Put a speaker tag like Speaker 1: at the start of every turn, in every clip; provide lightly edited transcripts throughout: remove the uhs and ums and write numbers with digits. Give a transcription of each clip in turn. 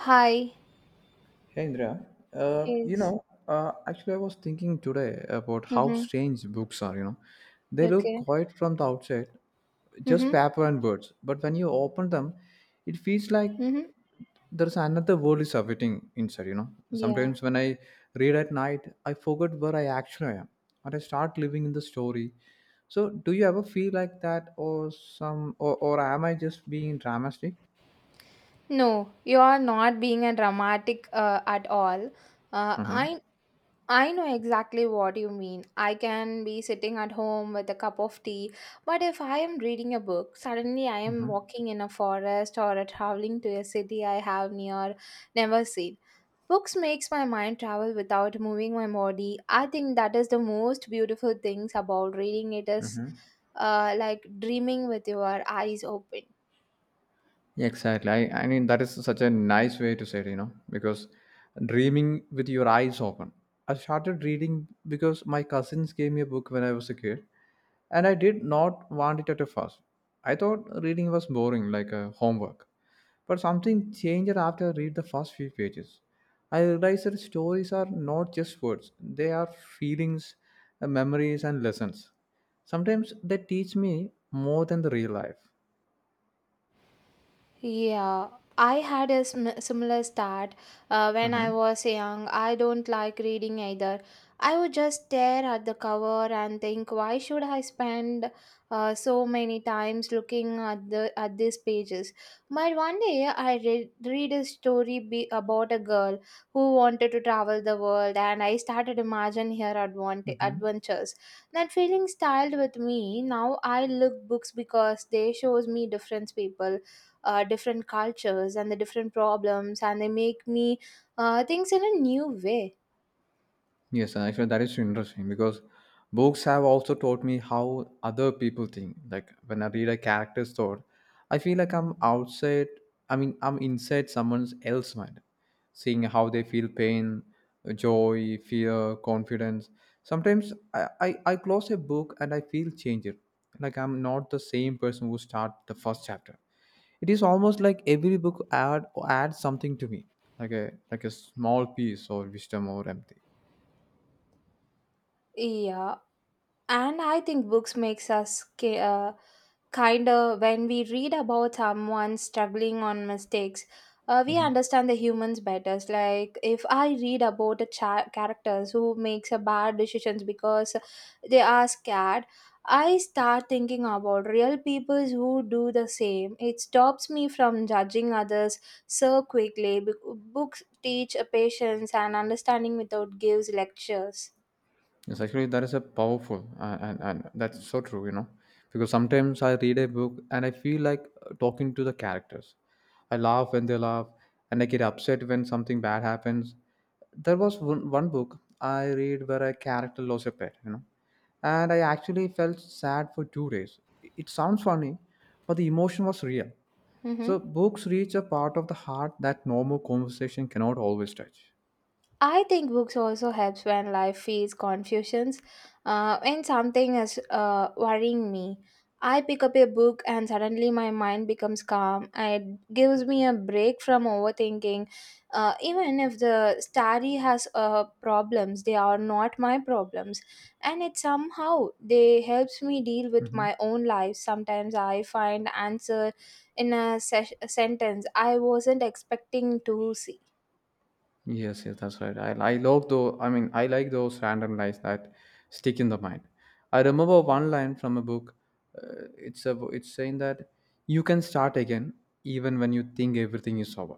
Speaker 1: Hi,
Speaker 2: Hey Indra,
Speaker 1: is
Speaker 2: actually, I was thinking today about how
Speaker 1: mm-hmm.
Speaker 2: strange books are. They look
Speaker 1: Okay.
Speaker 2: quiet from the outside, just
Speaker 1: Mm-hmm.
Speaker 2: paper and words. But when you open them, it feels like
Speaker 1: Mm-hmm.
Speaker 2: there's another world is awaiting inside. You know,
Speaker 1: Yeah.
Speaker 2: sometimes when I read at night, I forget where I actually am, and I start living in the story. So, do you ever feel like that, or am I just being dramatic?
Speaker 1: No, you are not being a dramatic at all. Uh,
Speaker 2: Mm-hmm.
Speaker 1: I I know exactly what you mean. I can be sitting at home with a cup of tea, but if I am reading a book, suddenly I am
Speaker 2: Mm-hmm.
Speaker 1: walking in a forest or traveling to a city I have near never seen. Books makes my mind travel without moving my body. I think that is the most beautiful things about reading it is
Speaker 2: Mm-hmm.
Speaker 1: like dreaming with your eyes open.
Speaker 2: Yeah, exactly. I mean, that is such a nice way to say it, because dreaming with your eyes open. I started reading because my cousins gave me a book when I was a kid, and I did not want it at first. I thought reading was boring, like a homework. But something changed after I read the first few pages. I realized that stories are not just words, they are feelings, memories, and lessons. Sometimes they teach me more than the real life.
Speaker 1: Yeah, I had a similar start when
Speaker 2: Mm-hmm.
Speaker 1: I was young. I don't like reading either. I would just stare at the cover and think, why should I spend so many times looking at the at these pages? But one day I read a story about a girl who wanted to travel the world, and I started imagining her
Speaker 2: Mm-hmm.
Speaker 1: adventures. That feeling styled with me. Now I look books because they shows me different people, different cultures and the different problems, and they make me things in a new way.
Speaker 2: Yes, and actually, that is so interesting because books have also taught me how other people think. Like when I read a character's thought, I feel like I'm outside. I mean, I'm inside someone else's mind, seeing how they feel pain, joy, fear, confidence. Sometimes I close a book and I feel changed. Like I'm not the same person who start the first chapter. It is almost like every book adds something to me, like a small piece or wisdom or empathy.
Speaker 1: Yeah, and I think books makes us kind of when we read about someone struggling on mistakes, we understand the humans better. It's like if I read about a characters who makes a bad decisions because they are scared, I start thinking about real people who do the same. It stops me from judging others so quickly. Books teach a patience and understanding without gives lectures.
Speaker 2: Yes, actually, that is a powerful, and that's so true, because sometimes I read a book and I feel like talking to the characters. I laugh when they laugh, and I get upset when something bad happens. There was one book I read where a character lost a pet, and I actually felt sad for 2 days. It sounds funny, but the emotion was real. So
Speaker 1: Mm-hmm.
Speaker 2: books reach a part of the heart that normal conversation cannot always touch.
Speaker 1: I think books also helps when life feels confusions. When something is worrying me, I pick up a book and suddenly my mind becomes calm. It gives me a break from overthinking. Even if the story has problems, they are not my problems, and it somehow they helps me deal with
Speaker 2: Mm-hmm.
Speaker 1: my own life. Sometimes I find answer in a sentence I wasn't expecting to see.
Speaker 2: Yes, yes, that's right. I love though. I mean, I like those random lines that stick in the mind. I remember one line from a book. It's saying that you can start again even when you think everything is over.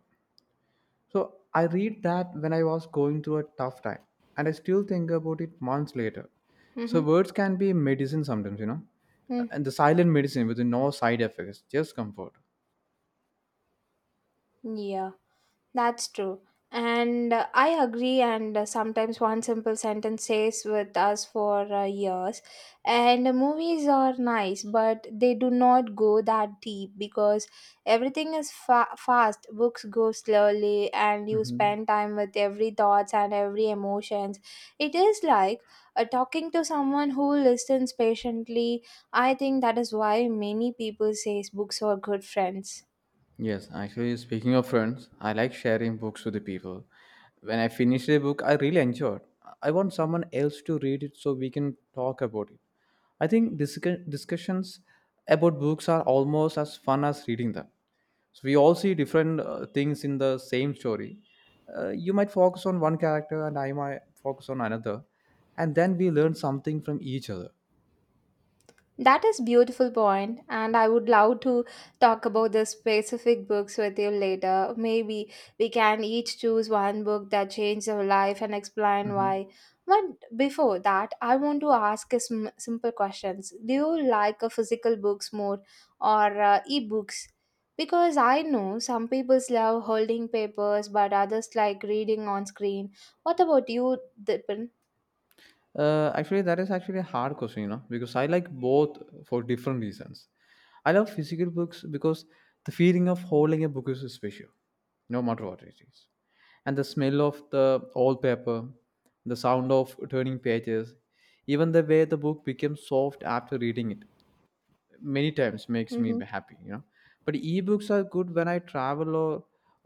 Speaker 2: So I read that when I was going through a tough time, and I still think about it months later. So
Speaker 1: Mm-hmm.
Speaker 2: words can be medicine sometimes,
Speaker 1: Mm,
Speaker 2: and the silent medicine with no side effects, just comfort.
Speaker 1: yeah. That's true. And I agree. And sometimes one simple sentence stays with us for years. And movies are nice, but they do not go that deep because everything is fast. Books go slowly, and you
Speaker 2: Mhm.
Speaker 1: spend time with every thoughts and every emotions. It is like talking to someone who listens patiently. I think that is why many people says books are good friends.
Speaker 2: Yes, actually, speaking of friends, I like sharing books with the people. When I finished a book, I really enjoyed. I want someone else to read it so we can talk about it. I think discussions about books are almost as fun as reading them. So we all see different things in the same story. You might focus on one character, and I might focus on another, and then we learn something from each other.
Speaker 1: That is beautiful point, and I would love to talk about the specific books with you later. Maybe we can each choose one book that changed our life and explain why. But before that, I want to ask a simple questions. Do you like physical books more or e-books? Because I know some people love holding papers, but others like reading on screen. What about you, Dipen?
Speaker 2: Actually, that is actually a hard question, because I like both for different reasons. I love physical books because the feeling of holding a book is special, no matter what it is. And the smell of the old paper, the sound of turning pages, even the way the book becomes soft after reading it many times makes me
Speaker 1: Mm-hmm.
Speaker 2: happy, but ebooks are good when I travel, or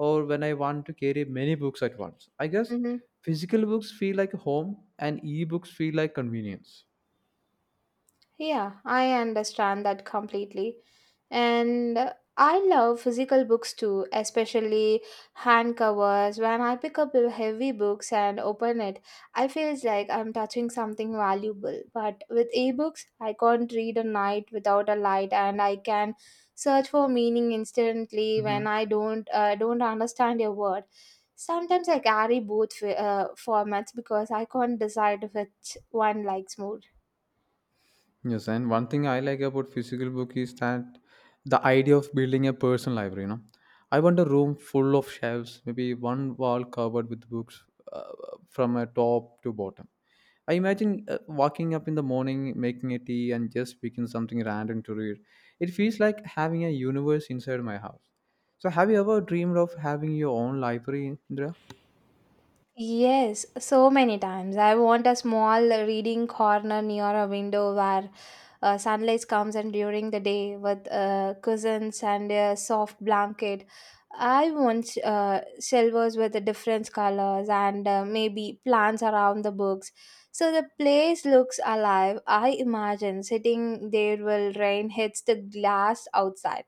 Speaker 2: or when I want to carry many books at once. I guess physical books feel like home and ebooks feel like convenience.
Speaker 1: Yeah, I understand that completely. And I love physical books too, especially hand covers. When I pick up a heavy books and open it, I feels like I'm touching something valuable. But with ebooks, I can't read a night without a light and I can search for meaning instantly when I don't understand a word. Sometimes I carry both formats because I can't decide which one likes more.
Speaker 2: Yes, and one thing I like about physical book is that the idea of building a personal library. You know, I want a room full of shelves, maybe one wall covered with books, uh, from a top to bottom. I imagine walking up in the morning, making a tea, and just picking something random to read. It feels like having a universe inside my house. So, have you ever dreamed of having your own library, Indra?
Speaker 1: Yes, so many times. I want a small reading corner near a window where sunlight comes in during the day with cushions and a soft blanket. I want shelves with the different colors and maybe plants around the books. So the place looks alive. I imagine sitting there while rain hits the glass outside.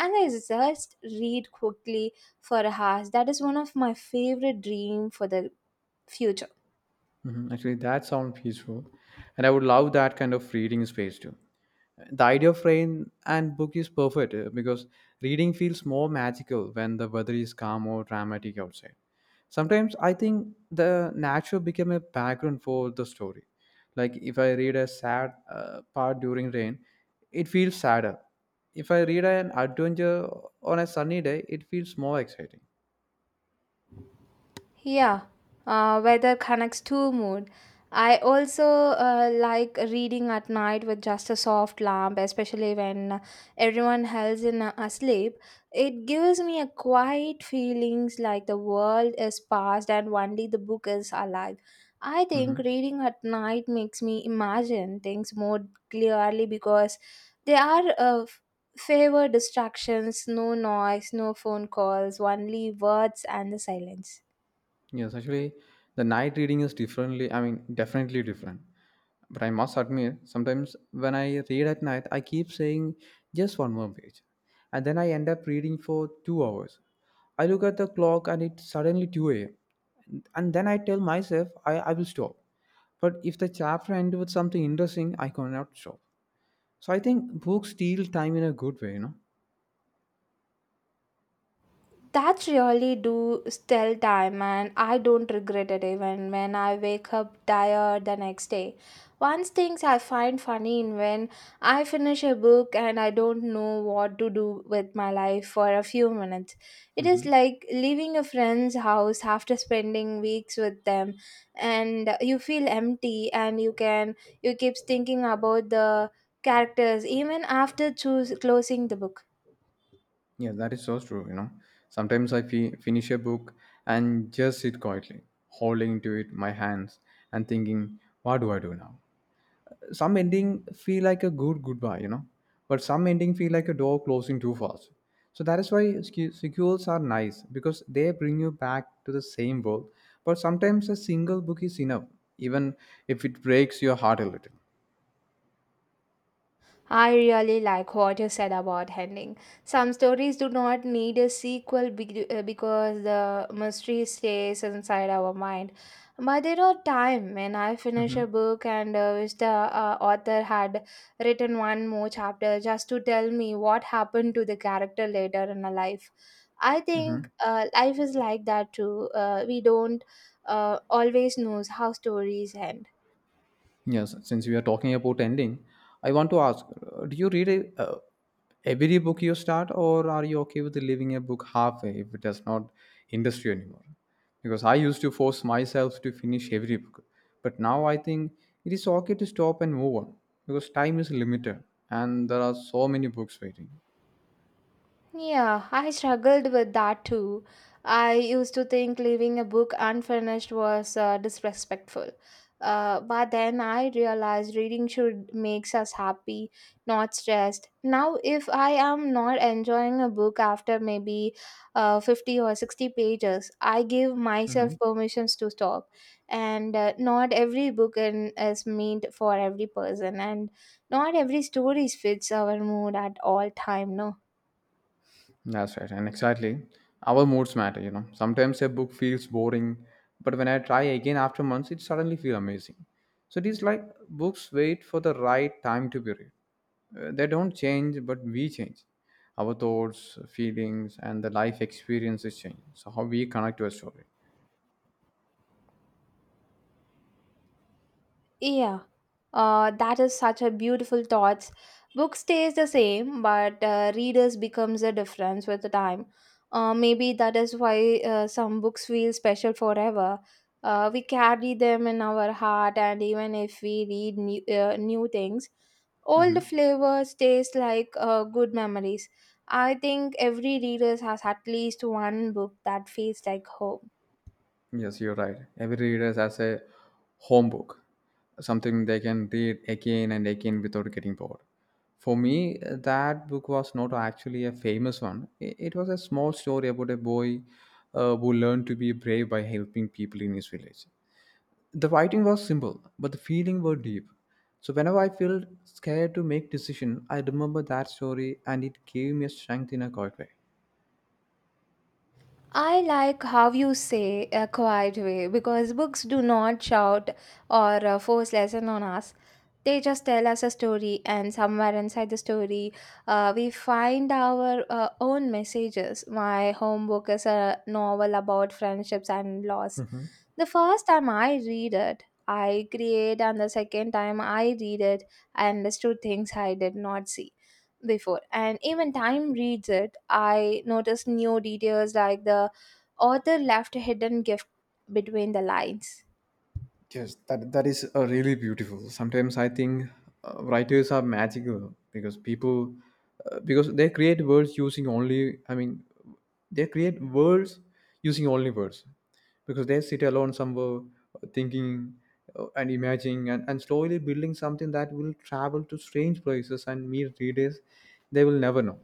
Speaker 1: And I just read quickly for a house. That is one of my favorite dream for the future.
Speaker 2: Mhm. Actually, that sounds peaceful, and I would love that kind of reading space too. The idea of rain and book is perfect, because reading feels more magical when the weather is calm or dramatic outside. Sometimes I think the nature became a background for the story. Like if I read a sad part during rain, it feels sadder. If I read an adventure on a sunny day, it feels more exciting.
Speaker 1: Yeah, weather connects to mood. I also like reading at night with just a soft lamp, especially when everyone else is asleep. It gives me a quiet feelings like the world is past and only the book is alive. I think
Speaker 2: Mm-hmm.
Speaker 1: reading at night makes me imagine things more clearly because they are favor distractions, no noise, no phone calls, only words and the silence.
Speaker 2: Yes, actually, the night reading is differently, I mean, definitely different. But I must admit, sometimes when I read at night, I keep saying just one more page. And then I end up reading for 2 hours. I look at the clock and it's suddenly 2 a.m. And then I tell myself I will stop. But if the chapter ends with something interesting, I cannot stop. So I think books steal time in a good way.
Speaker 1: That really do still time and I don't regret it even when I wake up tired the next day. Once things I find funny in when I finish a book and I don't know what to do with my life for a few minutes. It is like leaving a friend's house after spending weeks with them and you feel empty and you can you keeps thinking about the characters even after choose closing the book.
Speaker 2: Yeah, that is so true. Sometimes I finish a book and just sit quietly, holding to it my hands and thinking, what do I do now? Some ending feel like a good goodbye, but some ending feel like a door closing too fast. So that is why sequels are nice because they bring you back to the same world. But sometimes a single book is enough, even if it breaks your heart a little.
Speaker 1: I really like what you said about ending. Some stories do not need a sequel because the mystery stays inside our mind. But there are times when I finish a
Speaker 2: Mm-hmm.
Speaker 1: book and wish the author had written one more chapter just to tell me what happened to the character later in her life. I
Speaker 2: Mm-hmm.
Speaker 1: think life is like that too. We don't always knows how stories end.
Speaker 2: Yes, since we are talking about ending, I want to ask, do you read every book you start, or are you okay with leaving a book halfway if it does not interest you anymore? Because I used to force myself to finish every book, but now I think it is okay to stop and move on because time is limited and there are so many books waiting.
Speaker 1: Yeah, I struggled with that too. I used to think leaving a book unfinished was disrespectful. But then I realized reading should makes us happy, not stressed. Now, if I am not enjoying a book after maybe 50 or 60 pages, I give myself
Speaker 2: Mhm.
Speaker 1: permissions to stop. And not every book in, is meant for every person, and not every story fits our mood at all time. No.
Speaker 2: That's right, and exactly. Our moods matter, you know. Sometimes a book feels boring, but when I try again after months, it suddenly feels amazing. So it is like books wait for the right time to be read. They don't change, but we change. Our thoughts, feelings, and the life experiences change. So how we connect to a story.
Speaker 1: Yeah, that is such a beautiful thought. Book stays the same, but readers becomes a difference with the time. Maybe that is why some books feel special forever. We carry them in our heart, and even if we read new things, old
Speaker 2: Mhm.
Speaker 1: flavors taste like good memories. I think every reader has at least one book that feels like home.
Speaker 2: Yes, you're right. Every reader has a home book, something they can read again and again without getting bored. For me, that book was not actually a famous one. It was a small story about a boy who learned to be brave by helping people in his village. The writing was simple, but the feeling were deep. So whenever I felt scared to make decision, I remember that story and it gave me strength in a quiet way.
Speaker 1: I like how you say a quiet way because books do not shout or force lesson on us. They just tell us a story, and somewhere inside the story, we find our own messages. My home book is a novel about friendships and loss. The first time I read it, I create, and the second time I read it, I understood things I did not see before. And even time reads it, I noticed new details like the author left a hidden gift between the lines.
Speaker 2: Yes, that is really beautiful. Sometimes I think writers are magical because they create words using only words, because they sit alone somewhere thinking and imagining and slowly building something that will travel to strange places and meet readers they will never know.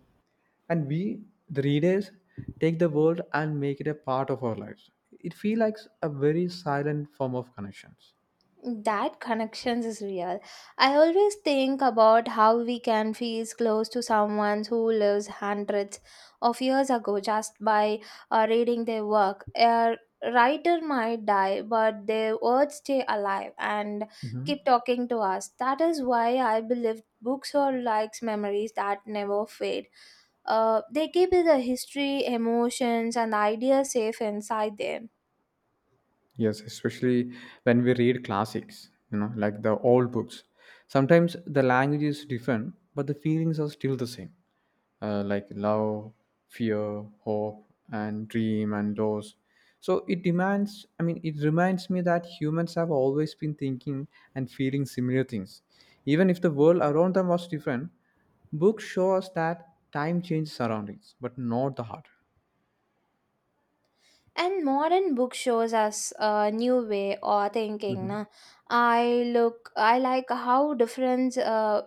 Speaker 2: And we, the readers, take the world and make it a part of our lives. It feels like a very silent form of connections.
Speaker 1: That connections is real. I always think about how we can feel close to someone who lives hundreds of years ago just by reading their work. A writer might die, but their words stay alive and keep talking to us. That is why I believe books are like memories that never fade. They keep the history, emotions, and ideas safe inside them.
Speaker 2: Yes, especially when we read classics, you know, like the old books. Sometimes the language is different, but the feelings are still the same, like love, fear, hope, and dream and loss. So it demands, I mean, it reminds me that humans have always been thinking and feeling similar things. Even if the world around them was different, books show us that time changes surroundings, but not the heart.
Speaker 1: And modern book shows us a new way or thinking.
Speaker 2: Mhm.
Speaker 1: Na. I look, I like how different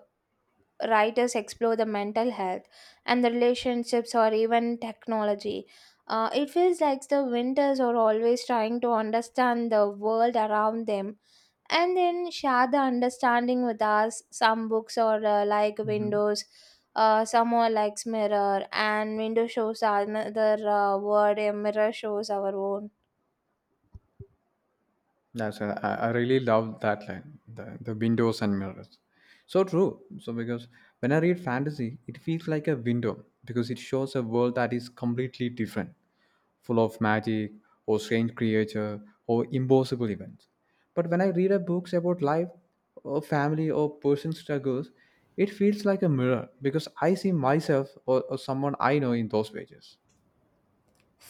Speaker 1: writers explore the mental health and the relationships or even technology. It feels like the winters are always trying to understand the world around them and then share the understanding with us. Some books are like
Speaker 2: Mhm.
Speaker 1: windows, some are like mirror, and window shows another word, a mirror shows our own.
Speaker 2: That's a- I really love that line, the windows and mirrors. So true. So because when I read fantasy, it feels like a window because it shows a world that is completely different, full of magic or strange creature or impossible events. But when I read a books about life or family or person struggles, it feels like a mirror because I see myself or someone I know in those pages.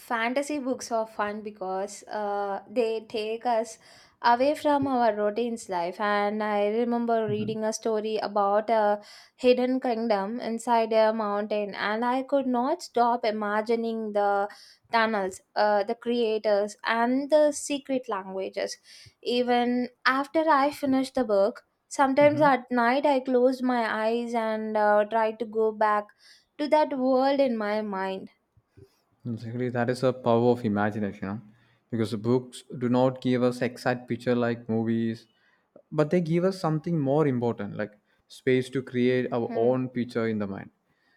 Speaker 1: Fantasy books are fun because they take us away from our routine's life. And I remember reading
Speaker 2: Mhm.
Speaker 1: a story about a hidden kingdom inside a mountain, and I could not stop imagining the tunnels, the creators, and the secret languages. Even after I finished the book, sometimes
Speaker 2: Mhm.
Speaker 1: at night I closed my eyes and tried to go back to that world in my mind.
Speaker 2: Exactly, that is a power of imagination, huh? Because the books do not give us exact picture like movies, but they give us something more important, like space to create our
Speaker 1: Hmm.
Speaker 2: own picture in the mind.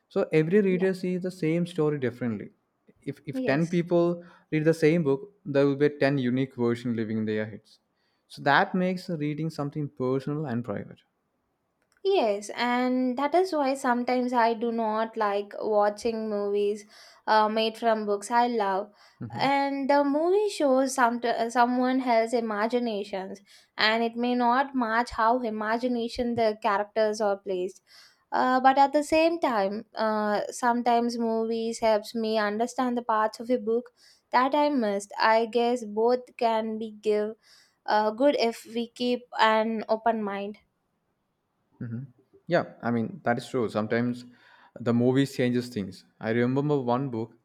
Speaker 2: So every reader sees the same story differently. If 10
Speaker 1: Yes.
Speaker 2: people read the same book, there will be 10 unique versions living in their heads. So that makes reading something personal and private.
Speaker 1: Yes, and that is why sometimes I do not like watching movies made from books I love. And the movie shows some someone else's imaginations, and it may not match how imagination the characters are placed. But at the same time, sometimes movies helps me understand the parts of a book that I missed. I guess both can be give good if we keep an open mind.
Speaker 2: Hmm. Yeah, I mean that is true. Sometimes the movies changes things. I remember one book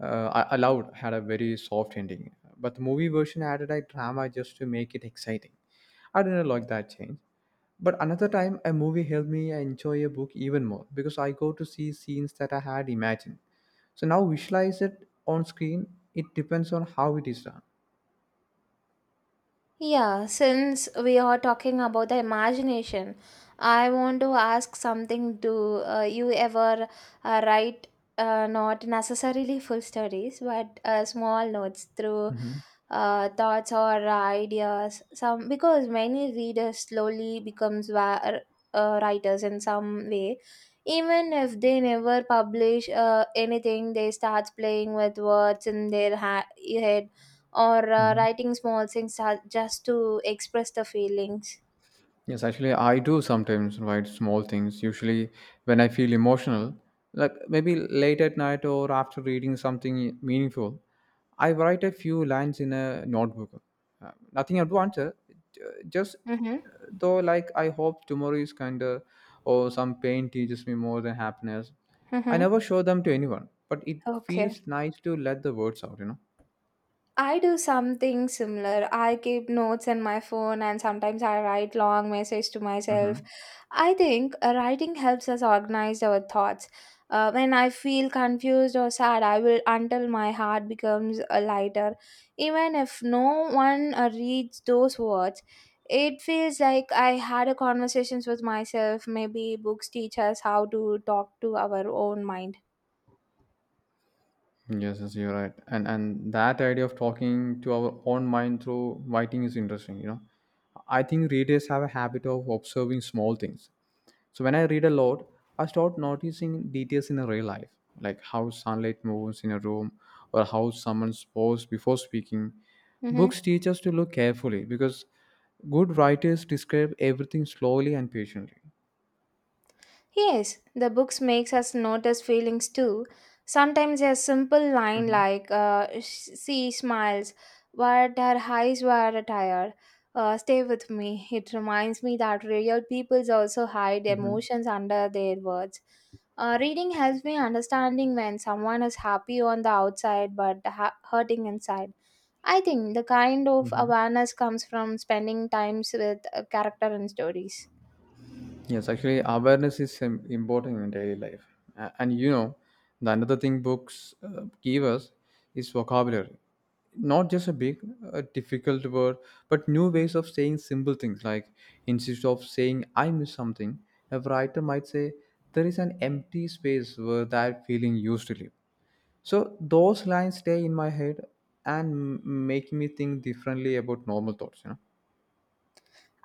Speaker 2: I allowed had a very soft ending, but the movie version added a drama just to make it exciting. I didn't like that change. But another time, a movie helped me enjoy a book even more because I go to see scenes that I had imagined. So now visualize it on screen. It depends on how it is done.
Speaker 1: Yeah, since we are talking about the imagination, I want to ask something. Do you ever write not necessarily full stories, but small notes through
Speaker 2: Mhm.
Speaker 1: thoughts or ideas? Some because many readers slowly becomes writers in some way. Even if they never publish anything, they start playing with words in their head or
Speaker 2: Mhm.
Speaker 1: writing small things just to express the feelings.
Speaker 2: Yes, actually, I do sometimes write small things, usually when I feel emotional, like maybe late at night or after reading something meaningful. I write a few lines in a notebook. Nothing advanced, just
Speaker 1: Mm-hmm.
Speaker 2: though, like I hope tomorrow is kinder or some pain teaches me more than happiness. I
Speaker 1: Mm-hmm.
Speaker 2: never show them to anyone, but it
Speaker 1: Okay.
Speaker 2: feels nice to let the words out.
Speaker 1: I do something similar. I keep notes in my phone and sometimes I write long messages to myself.
Speaker 2: Mm-hmm.
Speaker 1: I think writing helps us organize our thoughts. When I feel confused or sad, I will until my heart becomes lighter. Even if no one reads those words, it feels like I had a conversations with myself. Maybe books teach us how to talk to our own mind.
Speaker 2: Yes, yes, you're right. And that idea of talking to our own mind through writing is interesting. I think readers have a habit of observing small things. So when I read a lot, I start noticing details in a real life, like how sunlight moves in a room or how someone's pose before speaking.
Speaker 1: Mhm.
Speaker 2: Books teach us to look carefully because good writers describe everything slowly and patiently.
Speaker 1: Yes, the books makes us notice feelings too. Sometimes a simple line
Speaker 2: Mm-hmm.
Speaker 1: like "She smiles, but her eyes were tired." Stay with me. It reminds me that real people also hide emotions under their words. Reading helps me understanding when someone is happy on the outside but hurting inside. I think the kind of
Speaker 2: Mm-hmm.
Speaker 1: awareness comes from spending times with character and stories.
Speaker 2: Yes, actually, awareness is important in daily life. And you know, the another thing books give us is vocabulary. Not just a big, a difficult word, but new ways of saying simple things. Like instead of saying "I miss something," a writer might say "There is an empty space where that feeling used to live." So those lines stay in my head and make me think differently about normal thoughts. You know.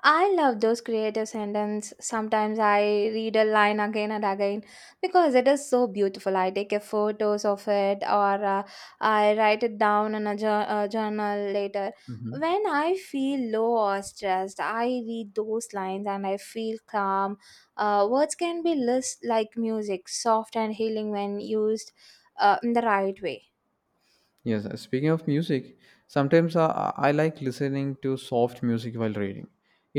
Speaker 1: I love those creative sentences. Sometimes I read a line again and again because it is so beautiful. I take a photos of it or I write it down in a, a journal later.
Speaker 2: Hmm.
Speaker 1: When I feel low or stressed, I read those lines and I feel calm. Words can be less like music, soft and healing when used in the right way.
Speaker 2: Yes, speaking of music, sometimes I like listening to soft music while reading.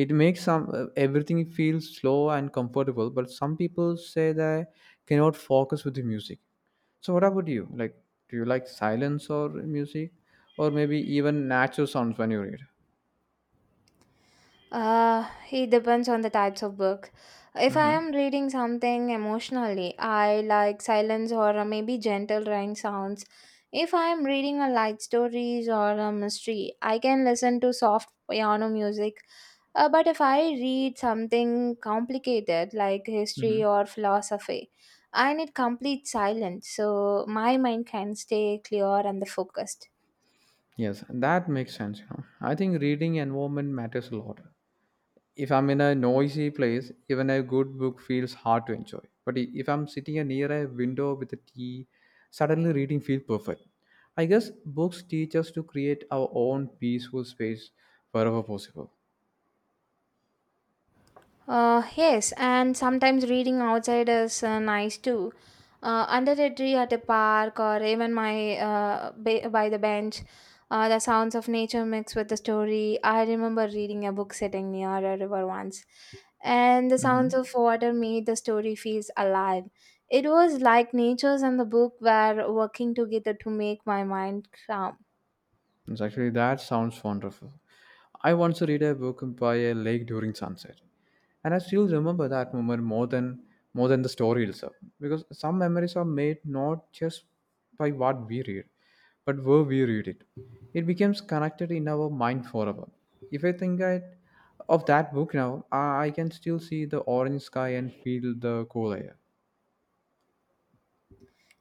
Speaker 2: It makes some everything feel slow and comfortable, but some people say they cannot focus with the music. So what about you? Like, do you like silence or music, or maybe even natural sounds when you read?
Speaker 1: It depends on the types of book. If I
Speaker 2: Mm-hmm.
Speaker 1: am reading something emotionally, I like silence or maybe gentle rain sounds. If I am reading a light stories or a mystery, I can listen to soft piano music. But if I read something complicated like
Speaker 2: Mm-hmm.
Speaker 1: history or philosophy, I need complete silence so my mind can stay clear and the focused.
Speaker 2: Yes, that makes sense. You know, I think reading environment matters a lot. If I'm in a noisy place, even a good book feels hard to enjoy. But if I'm sitting near a window with a tea, suddenly reading feels perfect. I guess books teach us to create our own peaceful space wherever possible.
Speaker 1: Yes, and sometimes reading outside is nice too. Under a tree at a park or even my by the bench, the sounds of nature mixed with the story. I remember reading a book sitting near a river once, and the
Speaker 2: Hmm.
Speaker 1: sounds of water made the story feels alive. It was like nature's and the book were working together to make my mind calm.
Speaker 2: It's actually that sounds wonderful. I once read a book by a lake during sunset, and I still remember that moment more than the story itself. Because some memories are made not just by what we read, but where we read it. It becomes connected in our mind forever. If I think I, Of that book now, I can still see the orange sky and feel the cool air.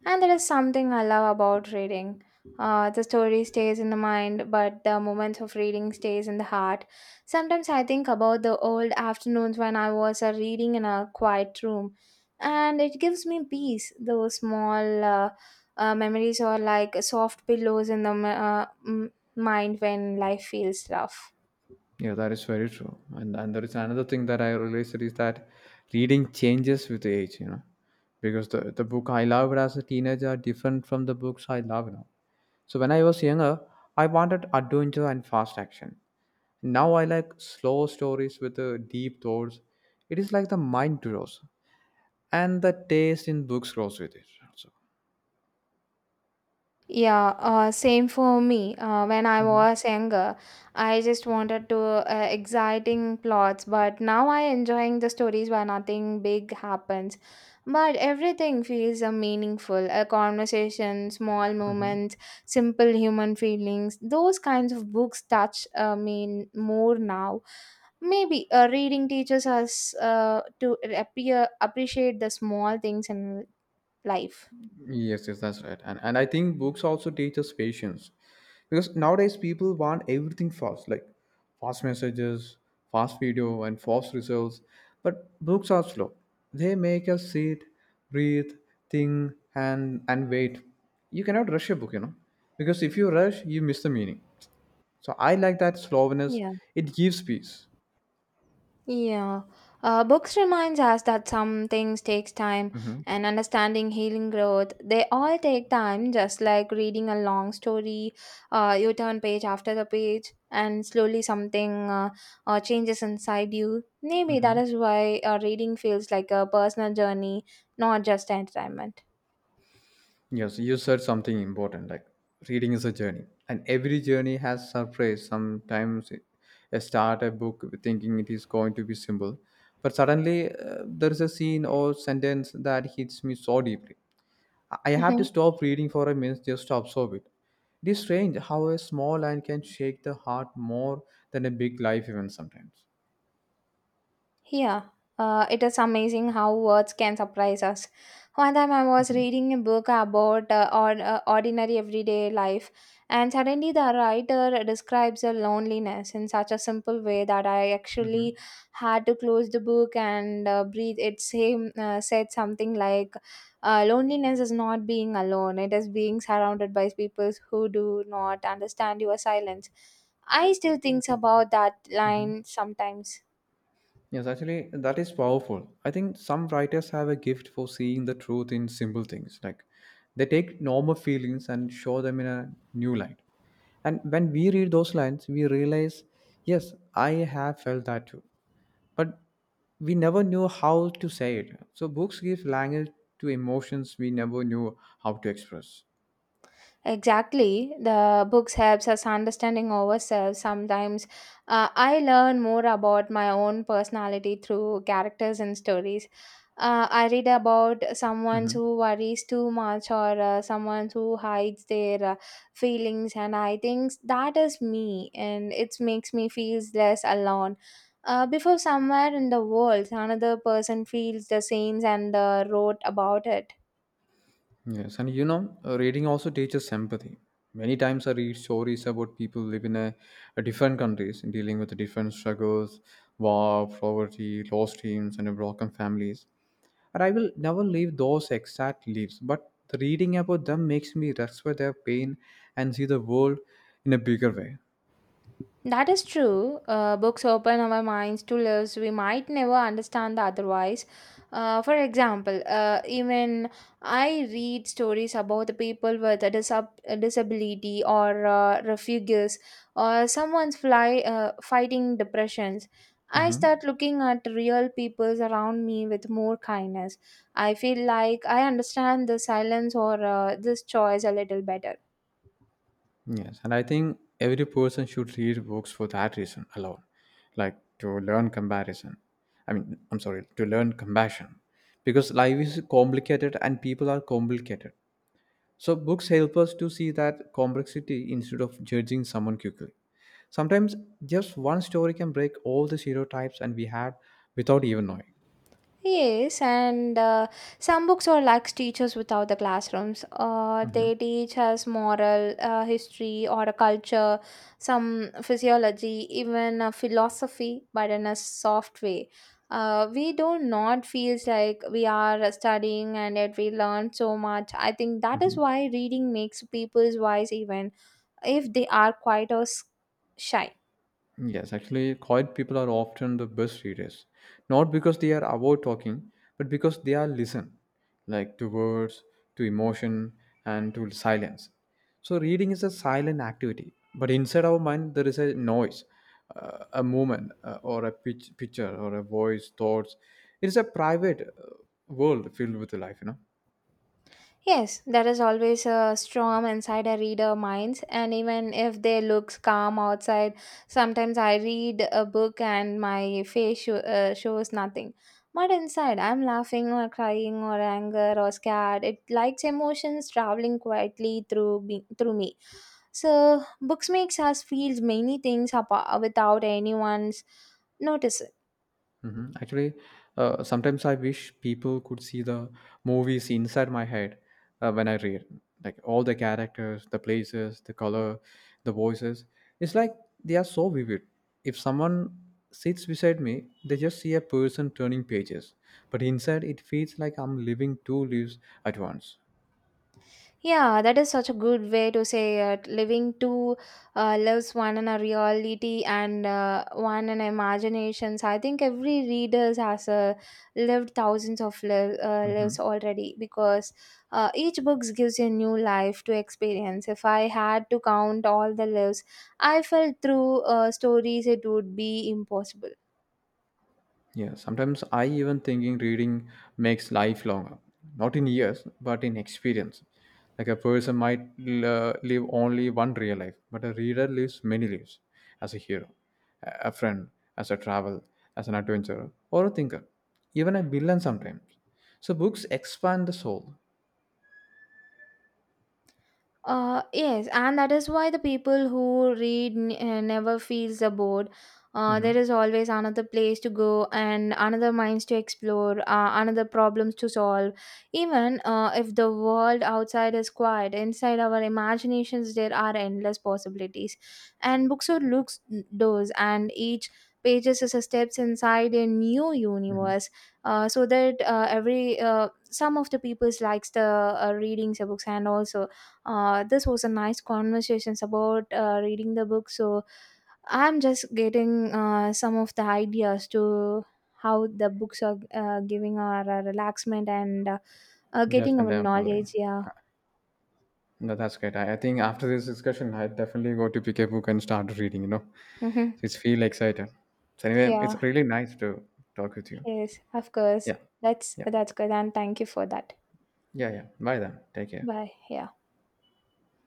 Speaker 1: And there is something I love about reading. The story stays in the mind, but the moments of reading stays in the heart. Sometimes I think about the old afternoons when I was reading in a quiet room, and it gives me peace. Those small memories are like soft pillows in the mind when life feels rough.
Speaker 2: Yeah, that is very true. And there is another thing that I realized is that reading changes with age, you know, because the book I loved as a teenager are different from the books I love now. So when I was younger, I wanted adventure and fast action. Now I like slow stories with deep thoughts. It is like the mind grows and the taste in books grows with it also.
Speaker 1: Yeah, same for me. When I was younger, I just wanted to exciting plots, but now I enjoying the stories where nothing big happens, but everything feels meaningful. A conversation, small moments, simple human feelings. Those kinds of books touch me more now. Maybe reading teaches us to appear appreciate the small things in life.
Speaker 2: Yes, yes, that's right. And I think books also teach us patience. Because nowadays people want everything fast, like fast messages, fast video, and fast results. But books are slow. They make us sit, breathe, think, and wait. You cannot rush a book, you know. Because if you rush, you miss the meaning. So I like that slowness.
Speaker 1: Yeah.
Speaker 2: It gives peace.
Speaker 1: Yeah, books reminds us that some things takes time
Speaker 2: Mm-hmm.
Speaker 1: and understanding healing growth. They all take time, just like reading a long story. You turn page after the page, and slowly something changes inside you. Maybe that is why reading feels like a personal journey, not just entertainment.
Speaker 2: Yes, you said something important like reading is a journey, and every journey has surprise. Sometimes I start a book thinking it is going to be simple, but suddenly there is a scene or sentence that hits me so deeply. I have to stop reading for a minute just to absorb it. It is strange how a small line can shake the heart more than a big life event sometimes.
Speaker 1: Yeah, it is amazing how words can surprise us. One time I was
Speaker 2: Mhm,
Speaker 1: reading a book about ordinary everyday life, and suddenly the writer describes a loneliness in such a simple way that I
Speaker 2: mhm.
Speaker 1: actually had to close the book and breathe. It same, said something like, loneliness is not being alone, it is being surrounded by people who do not understand your silence. I still think about that line sometimes.
Speaker 2: Yes, actually, that is powerful. I think some writers have a gift for seeing the truth in simple things. Like they take normal feelings and show them in a new light. And when we read those lines, we realize, yes, I have felt that too. But we never knew how to say it. So books give language to emotions we never knew how to express.
Speaker 1: Exactly. The books helps us understanding ourselves. Sometimes I learn more about my own personality through characters and stories. I read about someone
Speaker 2: Mm-hmm.
Speaker 1: who worries too much or someone who hides their feelings, and I think that is me, and it makes me feel less alone. Before somewhere in the world, another person feels the same and wrote about it.
Speaker 2: Yes, and you know, reading also teaches empathy. Many times I read stories about people living in a different countries, dealing with different struggles, war, poverty, lost dreams, and broken families. And I will never live those exact lives, but the reading about them makes me respect their pain and see the world in a bigger way.
Speaker 1: That is true. Books open our minds to lives we might never understand otherwise. For example, even I read stories about the people with a, a disability or refugees or someone's fly fighting depressions. I
Speaker 2: Mhm.
Speaker 1: start looking at real peoples around me with more kindness. I feel like I understand the silence or this choice a little better.
Speaker 2: Yes, and I think every person should read books for that reason alone, like to learn comparison. I mean, I'm sorry, to learn compassion, because life is complicated and people are complicated. So books help us to see that complexity instead of judging someone quickly. Sometimes just one story can break all the stereotypes and we had without even knowing.
Speaker 1: Yes, and some books are like teachers without the classrooms.
Speaker 2: Mhm,
Speaker 1: They teach us moral, history, or a culture, some physiology, even a philosophy, but in a soft way. We do not feel like we are studying and yet we learn so much. I think that is
Speaker 2: mhm.
Speaker 1: why reading makes people wise, even if they are quite or shy.
Speaker 2: Yes, actually, quiet people are often the best readers, not because they are avoid talking, but because they are listen, like to words, to emotion, and to silence. So reading is a silent activity, but inside our mind there is a noise, a movement, or a picture, or a voice, thoughts. It is a private world filled with life, you know.
Speaker 1: Yes, there is always a storm inside a reader minds and even if they looks calm outside, sometimes I read a book and my face shows nothing. But inside, I'm laughing or crying or anger or scared. It likes emotions traveling quietly through me. So books makes us feel many things without anyone's notice.
Speaker 2: Mhm. Actually, sometimes I wish people could see the movies inside my head when I read. Like all the characters, the places, the color, the voices. It's like they are so vivid. If someone sits beside me, they just see a person turning pages. But inside, it feels like I'm living two lives at once.
Speaker 1: Yeah, that is such a good way to say it. Living two lives, one in a reality and one in imaginations. I think every reader has lived thousands of lives
Speaker 2: Mhm.
Speaker 1: already because each book gives you a new life to experience. If I had to count all the lives I felt through stories, it would be impossible.
Speaker 2: Yeah, sometimes I even thinking reading makes life longer, not in years, but in experience. Like a person might live only one real life, but a reader lives many lives as a hero, a friend, as a travel, as an adventurer, or a thinker, even a villain sometimes. So books expand the soul.
Speaker 1: Yes, and that is why the people who read never feels bored.
Speaker 2: Hmm.
Speaker 1: There is always another place to go and another minds to explore, another problems to solve. Even if the world outside is quiet, inside our imaginations there are endless possibilities. And books are looks doors, and each pages is a steps inside a new
Speaker 2: Hmm.
Speaker 1: universe. So that every some of the people's likes the readings of books and also this was a nice conversations about reading the book. So I'm just getting some of the ideas to how the books are giving our relaxment and getting
Speaker 2: Definitely,
Speaker 1: our
Speaker 2: definitely.
Speaker 1: knowledge. Yeah.
Speaker 2: Uh, No, that's great. I think after this discussion, I definitely go to pick a book and start reading, you know.
Speaker 1: Hmm.
Speaker 2: It's feel excited. So anyway, it's
Speaker 1: Yeah.
Speaker 2: really nice to talk with you.
Speaker 1: Yes. Of course.
Speaker 2: Yeah,
Speaker 1: That's
Speaker 2: yeah,
Speaker 1: that's good. And thank you for that.
Speaker 2: yeah, yeah. Bye then. Take care.
Speaker 1: Bye. Yeah.